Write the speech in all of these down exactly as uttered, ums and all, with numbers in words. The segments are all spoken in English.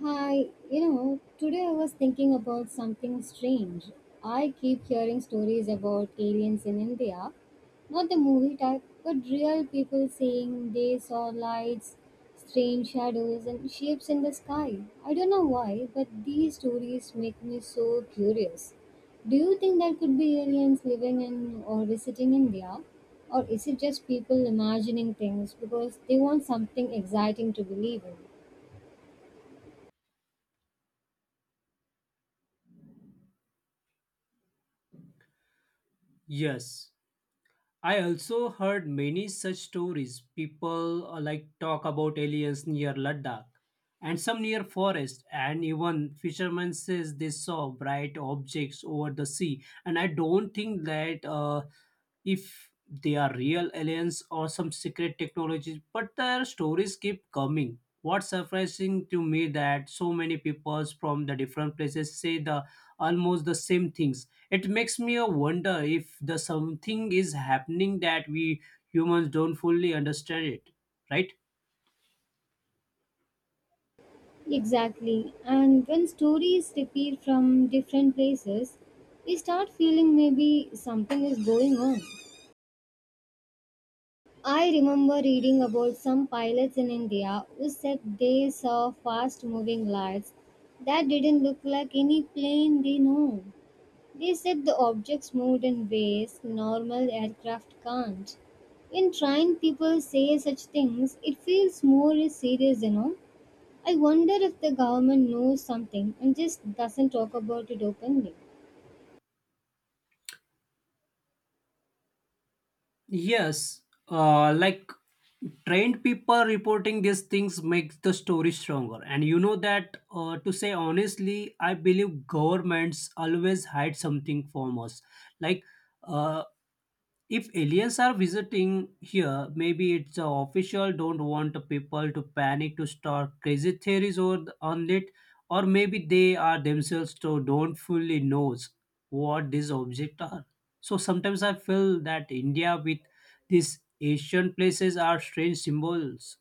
Hi, you know, today I was thinking about something strange. I keep hearing stories about aliens in India, not the movie type, but real people saying they saw lights, strange shadows, and shapes in the sky. I don't know why, but these stories make me so curious. Do you think there could be aliens living in or visiting India? Or is it just people imagining things because they want something exciting to believe in? Yes, I also heard many such stories. People uh, like talk about aliens near Ladakh and some near forest, and even fishermen says they saw bright objects over the sea, and I don't think that uh, if they are real aliens or some secret technologies, but their stories keep coming. What's surprising to me that so many people from the different places say the almost the same things. It makes me a wonder if the something is happening that we humans don't fully understand it, right? Exactly. And when stories repeat from different places, we start feeling maybe something is going on. I remember reading about some pilots in India who said they saw fast moving lights that didn't look like any plane they know. They said the objects moved in ways normal aircraft can't. When trained people say such things, it feels more serious, you know. I wonder if the government knows something and just doesn't talk about it openly. Yes, uh, like trained people reporting these things makes the story stronger. And you know that, uh, to say honestly, I believe governments always hide something from us. Like, uh, if aliens are visiting here, maybe it's the official don't want people to panic to start crazy theories or on it, or maybe they are themselves so don't fully knows what these objects are. So sometimes I feel that India with these Asian places are strange symbols.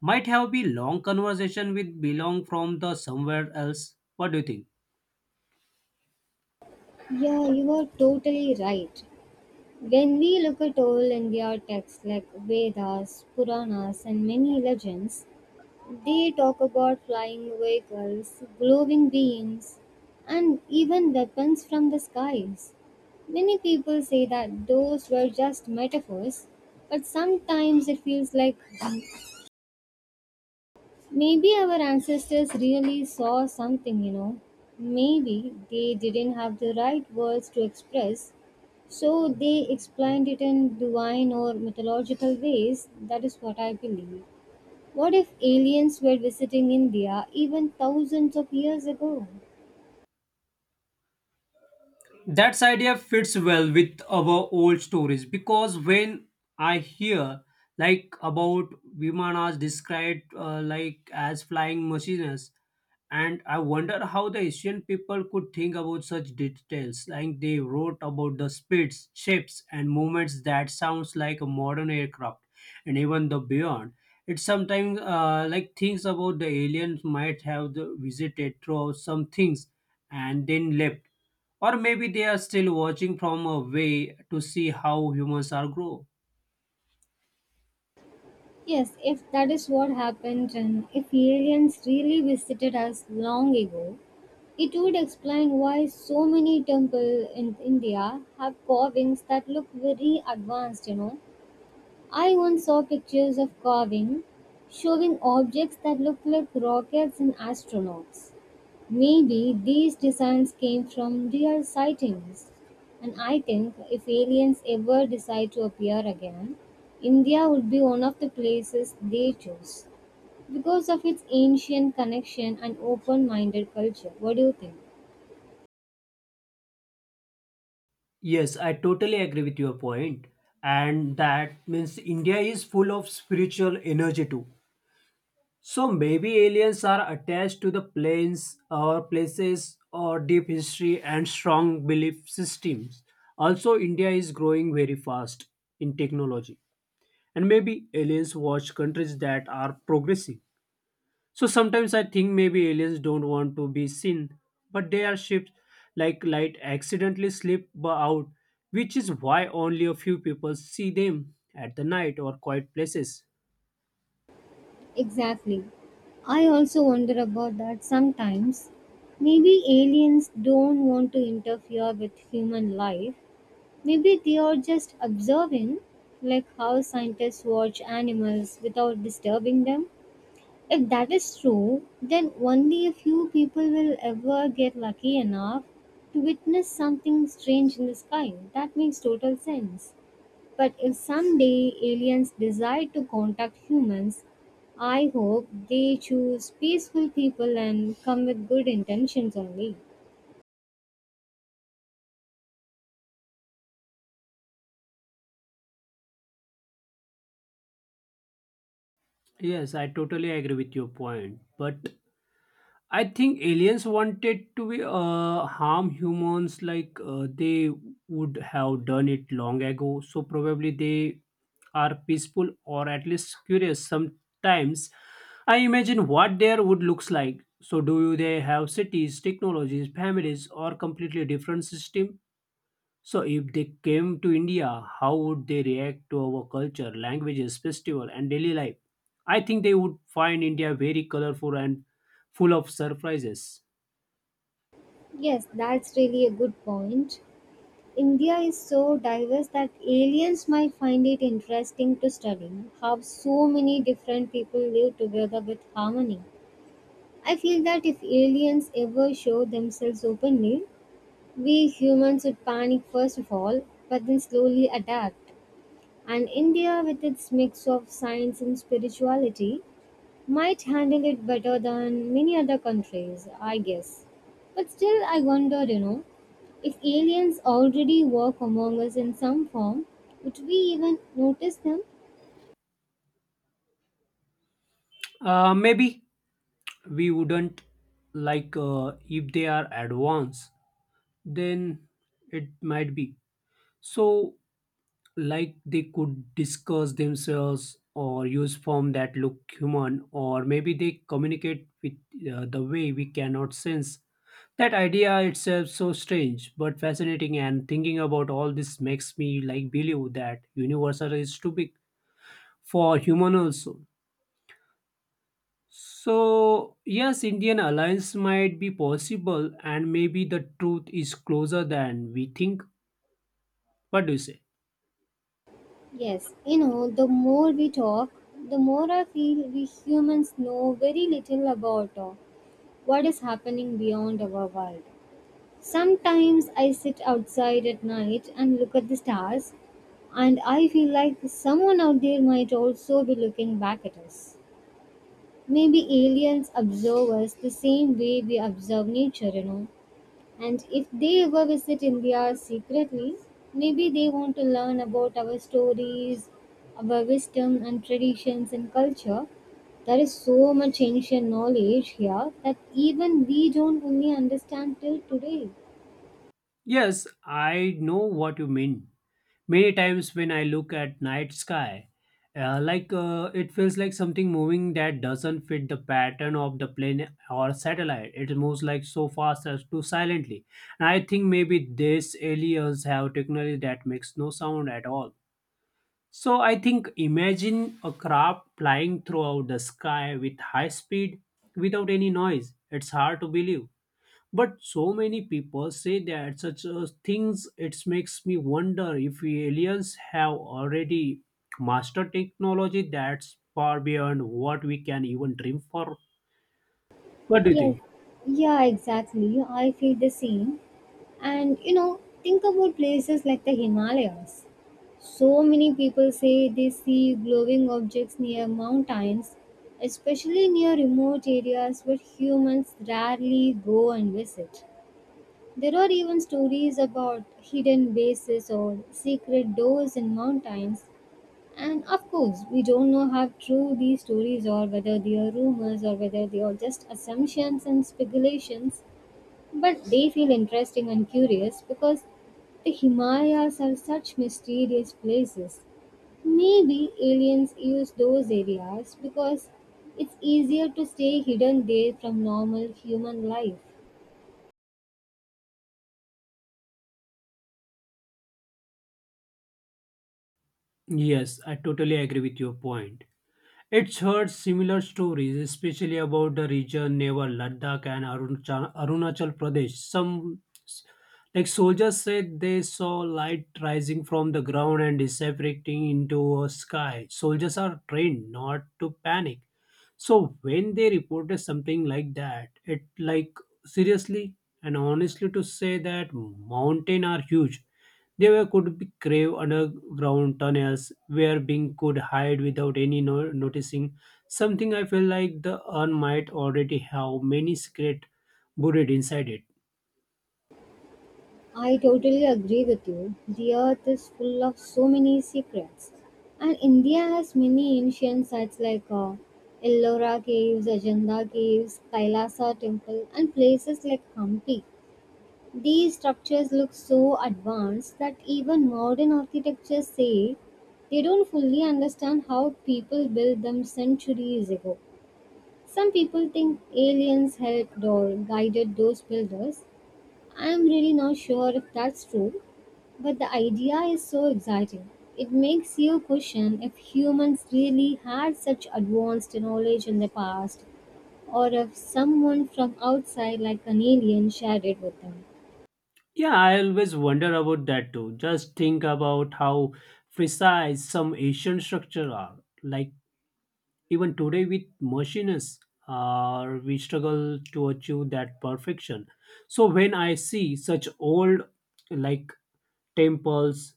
Might have been long conversation with belong from the somewhere else. What do you think? Yeah, you are totally right. When we look at old India texts like Vedas, Puranas, and many legends, they talk about flying vehicles, glowing beings, and even weapons from the skies. Many people say that those were just metaphors, but sometimes it feels like maybe our ancestors really saw something, you know. Maybe they didn't have the right words to express, so they explained it in divine or mythological ways. That is what I believe. What if aliens were visiting India even thousands of years ago? That idea fits well with our old stories because when I hear like about Vimanas described uh, like as flying machines, and I wonder how the ancient people could think about such details. Like they wrote about the speeds, shapes, and movements that sounds like a modern aircraft, and even the beyond. It's sometimes uh, like things about the aliens might have the visited throughout some things and then left, or maybe they are still watching from away to see how humans are grow. Yes, if that is what happened and if aliens really visited us long ago, it would explain why so many temples in India have carvings that look very advanced, you know. I once saw pictures of carving showing objects that look like rockets and astronauts. Maybe these designs came from real sightings. And I think if aliens ever decide to appear again, India would be one of the places they choose because of its ancient connection and open minded culture. What do you think? Yes, I totally agree with your point, and that means India is full of spiritual energy too. So maybe aliens are attached to the planes or places or deep history and strong belief systems. Also, India is growing very fast in technology. And maybe aliens watch countries that are progressive. So sometimes I think maybe aliens don't want to be seen, but they are ships like light accidentally slip b- out, which is why only a few people see them at the night or quiet places. Exactly. I also wonder about that sometimes. Maybe aliens don't want to interfere with human life. Maybe they are just observing, like how scientists watch animals without disturbing them. If that is true, then only a few people will ever get lucky enough to witness something strange in the sky. That makes total sense. But if someday aliens decide to contact humans, I hope they choose peaceful people and come with good intentions only. Yes, I totally agree with your point. But I think aliens wanted to uh, harm humans, like uh, they would have done it long ago. So probably they are peaceful or at least curious. Sometimes I imagine what their would looks like. So do they have cities, technologies, families, or completely different system? So if they came to India, how would they react to our culture, languages, festival and daily life? I think they would find India very colorful and full of surprises. Yes, that's really a good point. India is so diverse that aliens might find it interesting to study how so many different people live together with harmony. I feel that if aliens ever show themselves openly, we humans would panic first of all, but then slowly adapt. And India, with its mix of science and spirituality, might handle it better than many other countries, I guess. But still, I wonder, you know, if aliens already walk among us in some form, would we even notice them? Uh, maybe we wouldn't like uh, if they are advanced, then it might be. So like they could discuss themselves or use form that look human, or maybe they communicate with uh, the way we cannot sense. That idea itself so strange but fascinating, and thinking about all this makes me like believe that universal is too big for human also. So yes, indian alliance might be possible, and maybe the truth is closer than we think. What do you say? Yes, you know, the more we talk, the more I feel we humans know very little about uh, what is happening beyond our world. Sometimes I sit outside at night and look at the stars, and I feel like someone out there might also be looking back at us. Maybe aliens observe us the same way we observe nature, you know. And if they ever visit India secretly, maybe they want to learn about our stories, our wisdom and traditions and culture. There is so much ancient knowledge here that even we don't fully understand till today. Yes, I know what you mean. Many times when I look at night sky, uh, like uh, it feels like something moving that doesn't fit the pattern of the plane or satellite. It moves like so fast as to silently. And I think maybe these aliens have technology that makes no sound at all. So I think imagine a craft flying throughout the sky with high speed without any noise. It's hard to believe. But so many people say that such uh, things, it makes me wonder if we aliens have already mastered technology that's far beyond what we can even dream for. What do you Yes, think? yeah, exactly. I feel the same. And you know, think about places like the Himalayas. So many people say they see glowing objects near mountains, especially near remote areas where humans rarely go and visit. There are even stories about hidden bases or secret doors in mountains. And of course, we don't know how true these stories are, whether they are rumors or whether they are just assumptions and speculations. But they feel interesting and curious because the Himalayas are such mysterious places. Maybe aliens use those areas because it's easier to stay hidden there from normal human life. Yes, I totally agree with your point. It's heard similar stories, especially about the region near Ladakh and Aruncha- Arunachal Pradesh. Some s- like soldiers said they saw light rising from the ground and disappearing into a sky. Soldiers are trained not to panic, so when they reported something like that, it like seriously and honestly to say that mountain are huge. There were could be grave underground tunnels where being could hide without any no- noticing. Something I feel like the urn might already have many secret buried inside it. I totally agree with you. The earth is full of so many secrets. And India has many ancient sites like uh, Ellora Caves, Ajanta Caves, Kailasa Temple, and places like Hampi. These structures look so advanced that even modern architects say they don't fully understand how people built them centuries ago. Some people think aliens helped or guided those builders. I'm really not sure if that's true, but the idea is so exciting. It makes you question if humans really had such advanced knowledge in the past or if someone from outside like an alien shared it with them. Yeah, I always wonder about that too. Just think about how precise some ancient structure are. Like even today, with machines, uh, we struggle to achieve that perfection. So when I see such old, like temples,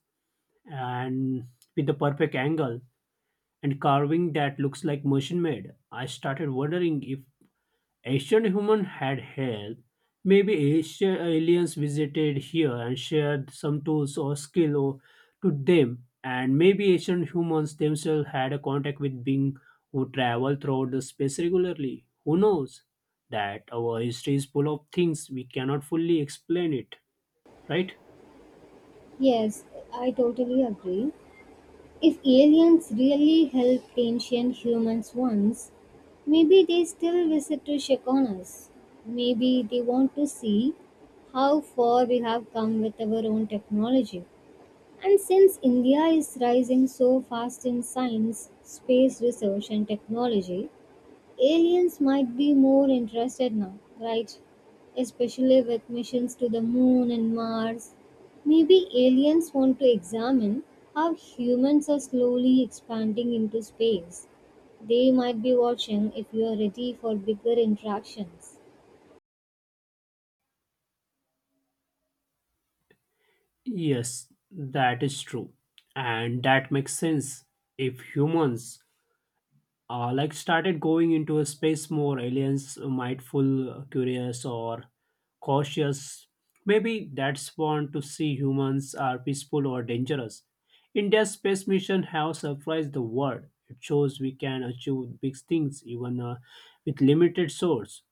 and with the perfect angle and carving that looks like machine made, I started wondering if ancient humans had hair. Maybe ancient aliens visited here and shared some tools or skill or, to them. And maybe ancient humans themselves had a contact with beings who travel throughout the space regularly. Who knows? That our history is full of things we cannot fully explain it, right? Yes, I totally agree. If aliens really helped ancient humans once, maybe they still visit to check on us. Maybe they want to see how far we have come with our own technology. And since India is rising so fast in science, space research, and technology, aliens might be more interested now, right? Especially with missions to the moon and Mars. Maybe aliens want to examine how humans are slowly expanding into space. They might be watching if you are ready for bigger interactions. Yes, that is true. And that makes sense. If humans uh, like started going into a space, more aliens might mindful curious or cautious. Maybe that's spawned to see humans are peaceful or dangerous. India's space mission have surprised the world. It shows we can achieve big things, even uh, with limited source.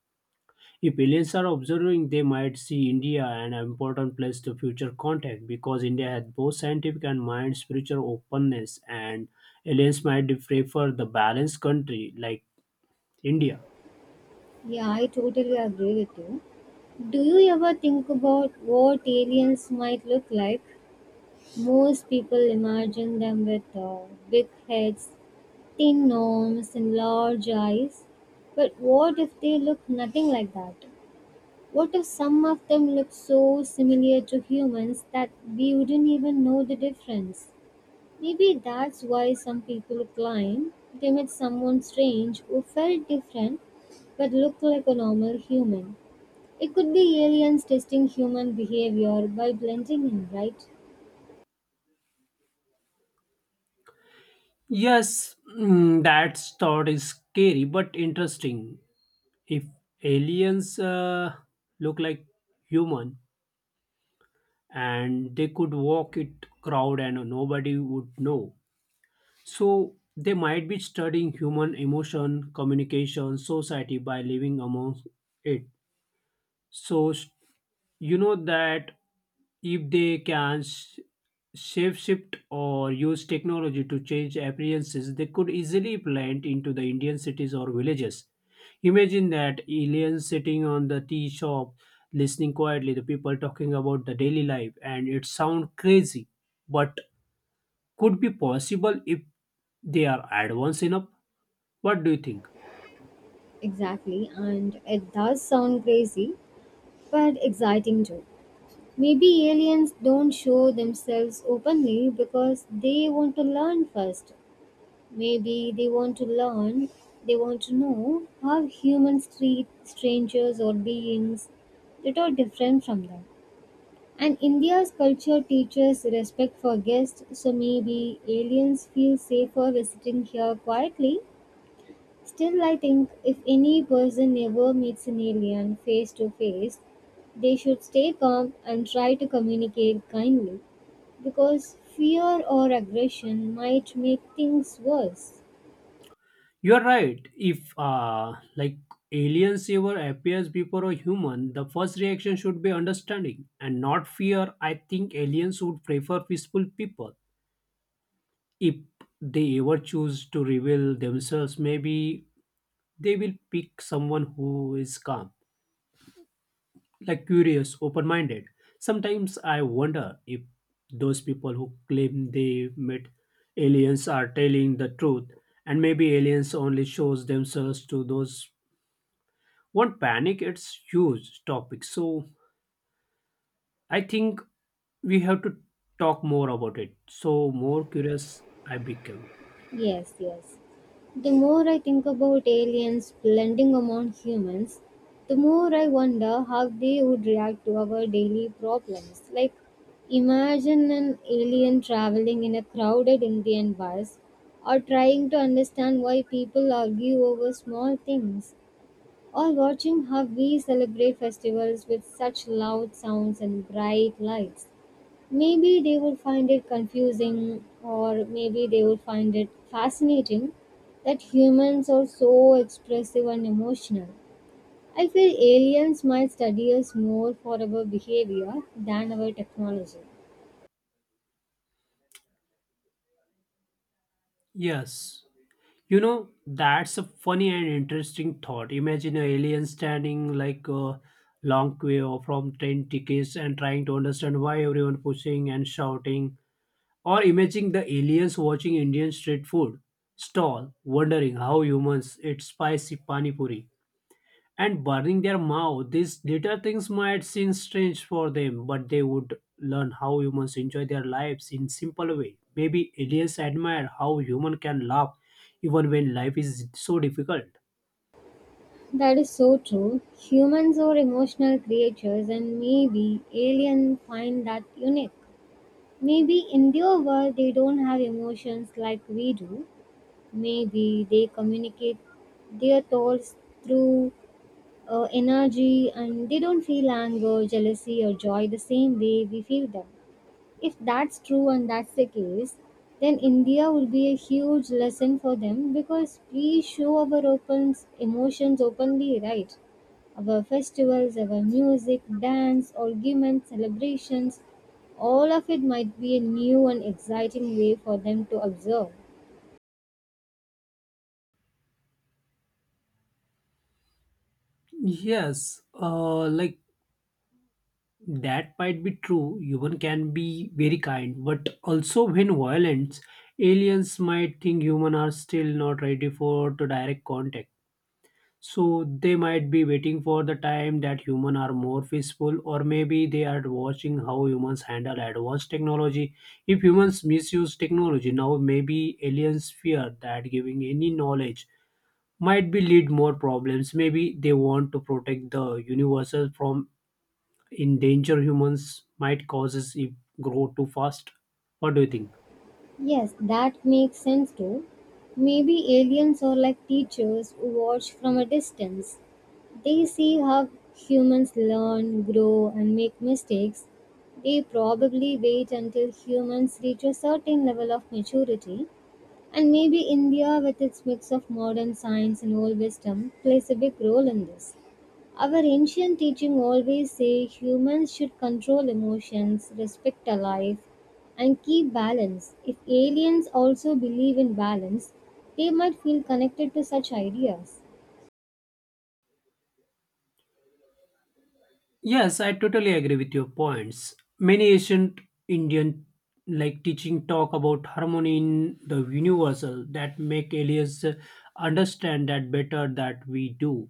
If aliens are observing, they might see India an important place to future contact, because India has both scientific and mind spiritual openness, and aliens might prefer the balanced country like India. Yeah, I totally agree with you. Do you ever think about what aliens might look like? Most people imagine them with uh, big heads, thin arms and large eyes. But what if they look nothing like that? What if some of them look so similar to humans that we wouldn't even know the difference? Maybe that's why some people claim they met someone strange who felt different but looked like a normal human. It could be aliens testing human behavior by blending in, right? Yes, mm, that thought is scary but interesting. If aliens uh, look like human and they could walk it crowd and nobody would know, so they might be studying human emotion, communication, society by living among it. So s- you know that if they can sh- shape shift or use technology to change appearances, they could easily blend into the Indian cities or villages. Imagine that aliens sitting on the tea shop, listening quietly the people talking about the daily life, and it sounds crazy, but could be possible if they are advanced enough. What do you think? Exactly, and it does sound crazy, but exciting too. Maybe aliens don't show themselves openly because they want to learn first. Maybe they want to learn, they want to know how humans treat strangers or beings that are different from them. And India's culture teaches respect for guests, so maybe aliens feel safer visiting here quietly. Still, I think if any person ever meets an alien face to face, they should stay calm and try to communicate kindly because fear or aggression might make things worse. You're right. If uh, like aliens ever appears before a human, the first reaction should be understanding and not fear. I think aliens would prefer peaceful people. If they ever choose to reveal themselves, maybe they will pick someone who is calm, like curious, open minded. Sometimes I wonder if those people who claim they met aliens are telling the truth, and maybe aliens only shows themselves to those won't panic. It's huge topic, so I think we have to talk more about it. So more curious I become. Yes, yes. The more I think about aliens blending among humans, the more I wonder how they would react to our daily problems. Like, imagine an alien traveling in a crowded Indian bus, or trying to understand why people argue over small things, or watching how we celebrate festivals with such loud sounds and bright lights. Maybe they would find it confusing, or maybe they would find it fascinating that humans are so expressive and emotional. I feel aliens might study us more for our behavior than our technology. Yes. You know, that's a funny and interesting thought. Imagine an alien standing like a long queue from train tickets and trying to understand why everyone pushing and shouting. Or imagine the aliens watching Indian street food stall, wondering how humans eat spicy pani puri and burning their mouth. These little things might seem strange for them, but they would learn how humans enjoy their lives in simple way. Maybe aliens admire how human can laugh even when life is so difficult. That is so true. Humans are emotional creatures, and maybe aliens find that unique. Maybe in their world they don't have emotions like we do. Maybe they communicate their thoughts through uh, energy and they don't feel anger, jealousy, or joy the same way we feel them. If that's true and that's the case, then India will be a huge lesson for them because we show our open emotions openly, right? Our festivals, our music, dance, arguments, celebrations, all of it might be a new and exciting way for them to observe. Yes, uh, like that might be true. Human can be very kind, but also when violent, aliens might think human are still not ready for to direct contact. So they might be waiting for the time that humans are more peaceful, or maybe they are watching how humans handle advanced technology. If humans misuse technology now, maybe aliens fear that giving any knowledge might be lead more problems. Maybe they want to protect the universe from endanger humans might causes if grow too fast. What do you think? Yes, that makes sense too. Maybe aliens are like teachers who watch from a distance. They see how humans learn, grow, and make mistakes. They probably wait until humans reach a certain level of maturity. And maybe India, with its mix of modern science and old wisdom, plays a big role in this. Our ancient teaching always say humans should control emotions, respect our life, and keep balance. If aliens also believe in balance, they might feel connected to such ideas. Yes, I totally agree with your points. Many ancient Indian like teaching talk about harmony in the universal that make aliens understand that better that we do.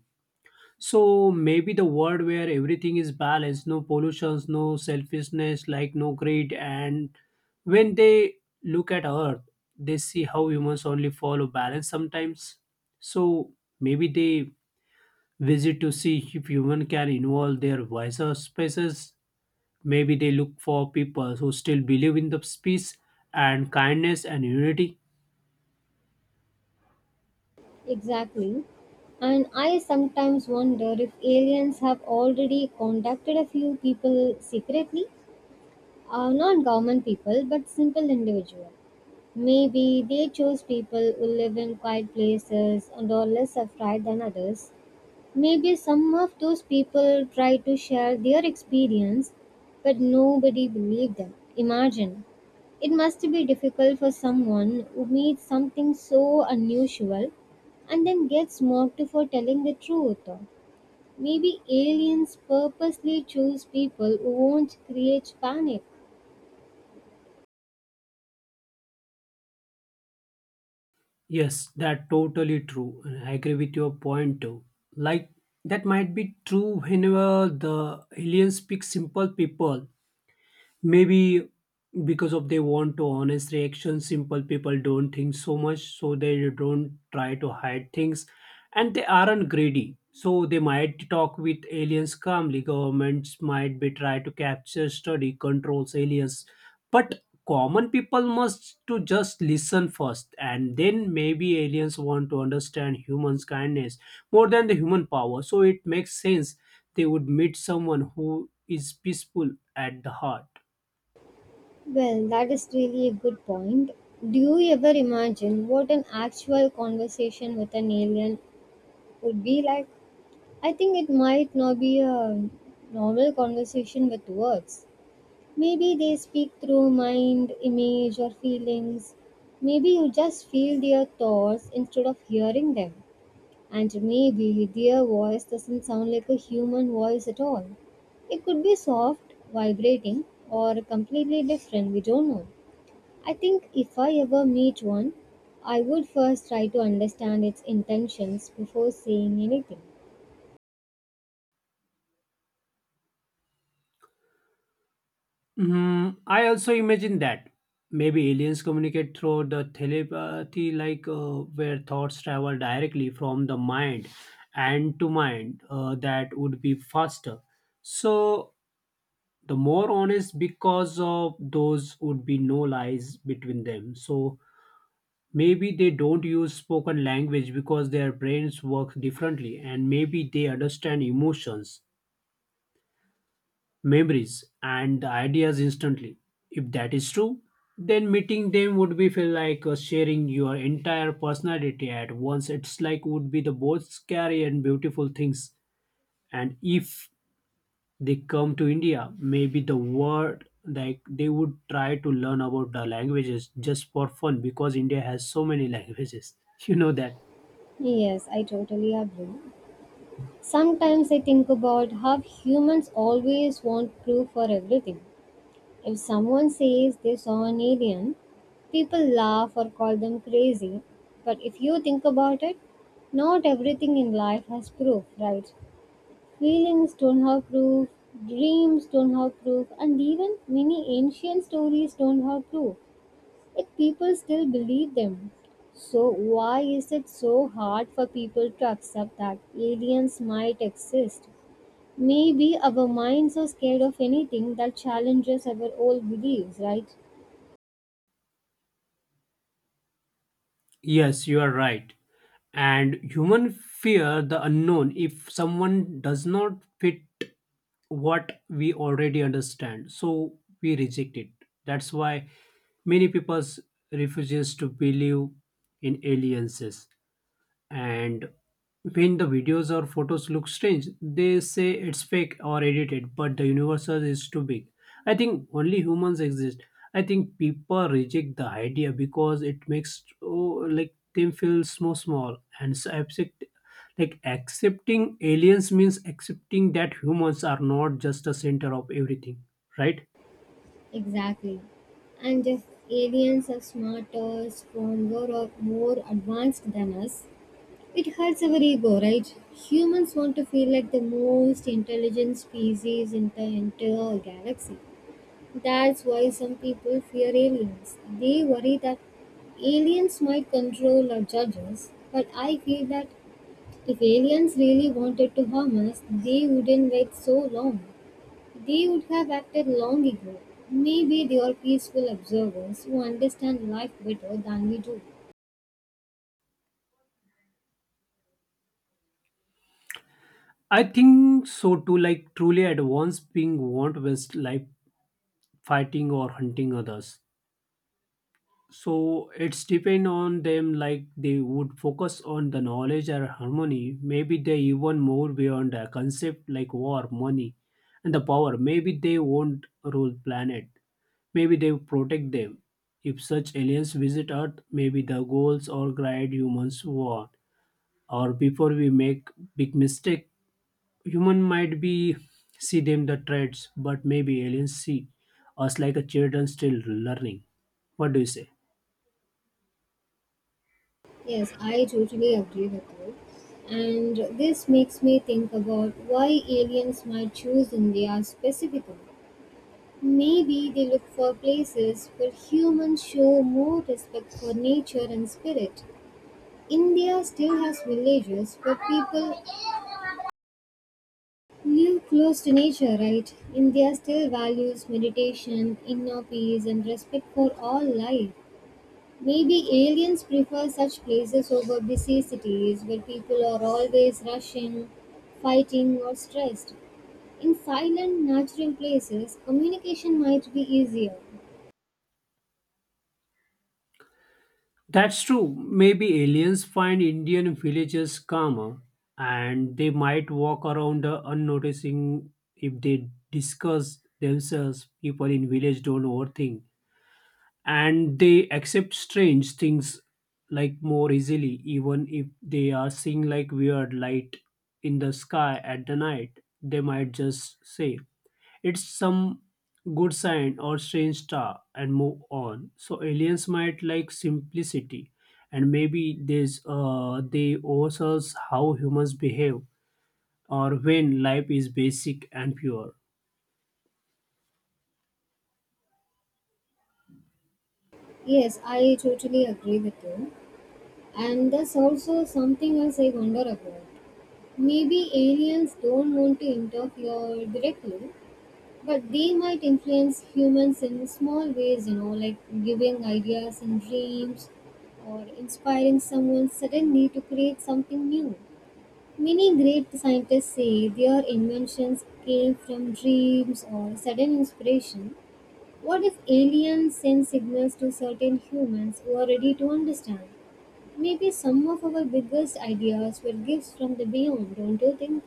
So maybe the world where everything is balanced, no pollutions, no selfishness, like no greed, and when they look at Earth, they see how humans only follow balance sometimes. So maybe they visit to see if human can involve their wiser species. Maybe they look for people who still believe in the peace and kindness and unity. Exactly. And I sometimes wonder if aliens have already contacted a few people secretly, uh, not government people, but simple individuals. Maybe they chose people who live in quiet places and are less afraid than others. Maybe some of those people tried to share their experience, but nobody believed them. Imagine. It must be difficult for someone who meets something so unusual and then gets mocked for telling the truth. Maybe aliens purposely choose people who won't create panic. Yes, that totally true. And I agree with your point too. Like that might be true whenever the aliens pick simple people. Maybe because of they want to honest reactions, simple people don't think so much, so they don't try to hide things, and they aren't greedy. So they might talk with aliens calmly. Governments might be try to capture, study, controls aliens, but common people must to just listen first, and then maybe aliens want to understand humans' kindness more than the human power. So it makes sense they would meet someone who is peaceful at the heart. Well, that is really a good point. Do you ever imagine what an actual conversation with an alien would be like? I think it might not be a normal conversation with words. Maybe they speak through mind, image, or feelings. Maybe you just feel their thoughts instead of hearing them. And maybe their voice doesn't sound like a human voice at all. It could be soft, vibrating, or completely different, we don't know. I think if I ever meet one, I would first try to understand its intentions before saying anything. Hmm, I also imagine that maybe aliens communicate through the telepathy, like uh, where thoughts travel directly from the mind and to mind. Uh, that would be faster. So the more honest, because of those would be no lies between them. So maybe they don't use spoken language because their brains work differently, and maybe they understand emotions memories and ideas instantly. If that is true, then meeting them would be feel like uh, sharing your entire personality at once. It's like would be the both scary and beautiful things. And if they come to India, maybe the world like they would try to learn about the languages just for fun because India has so many languages. You know that. Yes, I totally agree. Sometimes I think about how humans always want proof for everything. If someone says they saw an alien, people laugh or call them crazy. But if you think about it, not everything in life has proof, right? Feelings don't have proof, dreams don't have proof, and even many ancient stories don't have proof. Yet people still believe them. So, why is it so hard for people to accept that aliens might exist? Maybe our minds are scared of anything that challenges our old beliefs, right? Yes, you are right. And human fear the unknown. If someone does not fit what we already understand, so we reject it. That's why many people refuses to believe in aliens, and when the videos or photos look strange, they say it's fake or edited. But the universe is too big. I think only humans exist. I think people reject the idea because it makes oh, like them feel so small, and so accept, like accepting aliens means accepting that humans are not just the center of everything, right? Exactly. And if aliens are smarter, stronger, or more advanced than us, it hurts our ego, right? Humans want to feel like the most intelligent species in the entire galaxy. That's why some people fear aliens. They worry that aliens might control or judge us. But I feel that if aliens really wanted to harm us, they wouldn't wait so long. They would have acted long ago. Maybe they are peaceful observers who understand life better than we do. I think so too. Like truly at once being want with life fighting or hunting others, so it's depend on them. Like they would focus on the knowledge or harmony. Maybe they even more beyond a concept like war, money and the power. Maybe they won't rule planet, maybe they protect them. If such aliens visit earth, maybe the goals or guide humans want, or before we make big mistake. Human might be see them the threats, but maybe aliens see us like a children still learning. What do you say? Yes, I totally agree with you. And this makes me think about why aliens might choose India specifically. Maybe they look for places where humans show more respect for nature and spirit. India still has villages where people live close to nature, right? India still values meditation, inner peace, and respect for all life. Maybe aliens prefer such places over busy cities where people are always rushing, fighting, or stressed. In silent, natural places, communication might be easier. That's true. Maybe aliens find Indian villages calmer, and they might walk around uh, unnoticing if they discuss themselves. People in village don't overthink, and they accept strange things like more easily. Even if they are seeing like weird light in the sky at the night, they might just say it's some good sign or strange star and move on. So aliens might like simplicity, and maybe this uh, they owe us how humans behave or when life is basic and pure. Yes, I totally agree with you. And there's also something else I wonder about. Maybe aliens don't want to interfere directly, but they might influence humans in small ways, you know, like giving ideas and dreams or inspiring someone suddenly to create something new. Many great scientists say their inventions came from dreams or sudden inspiration. What if aliens send signals to certain humans who are ready to understand? Maybe some of our biggest ideas were gifts from the beyond, don't you think?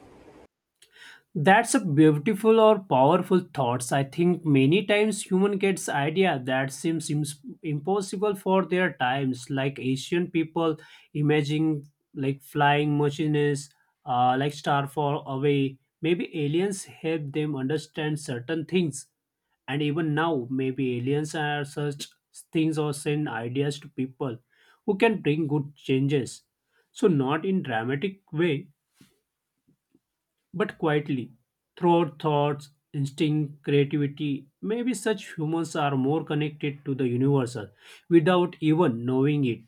That's a beautiful or powerful thoughts. I think many times human gets idea that seems ims- impossible for their times, like Asian people imagining like flying machines, uh, like star far away. Maybe aliens help them understand certain things, and even now, maybe aliens are such things or send ideas to people who can bring good changes. So not in dramatic way, but quietly through our thoughts instinct creativity. Maybe such humans are more connected to the universal without even knowing it.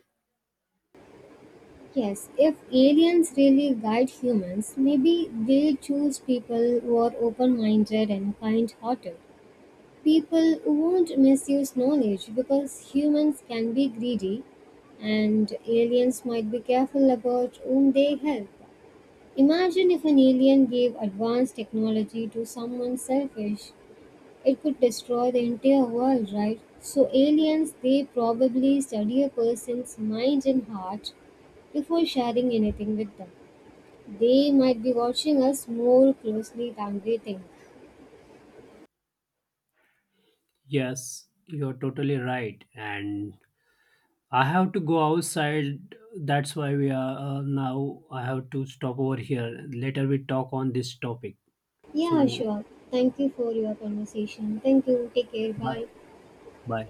Yes, if aliens really guide humans, maybe they choose people who are open minded and kind hearted. People who won't misuse knowledge because humans can be greedy and aliens might be careful about whom they help. Imagine if an alien gave advanced technology to someone selfish. It could destroy the entire world, right? So, aliens, they probably study a person's mind and heart before sharing anything with them. They might be watching us more closely than we think. Yes, you're totally right, and I have to go outside. That's why we are uh, now I have to stop over here. Later we talk on this topic. Yeah, So sure. Thank you for your conversation. Thank you. Take care. bye. Bye. Bye.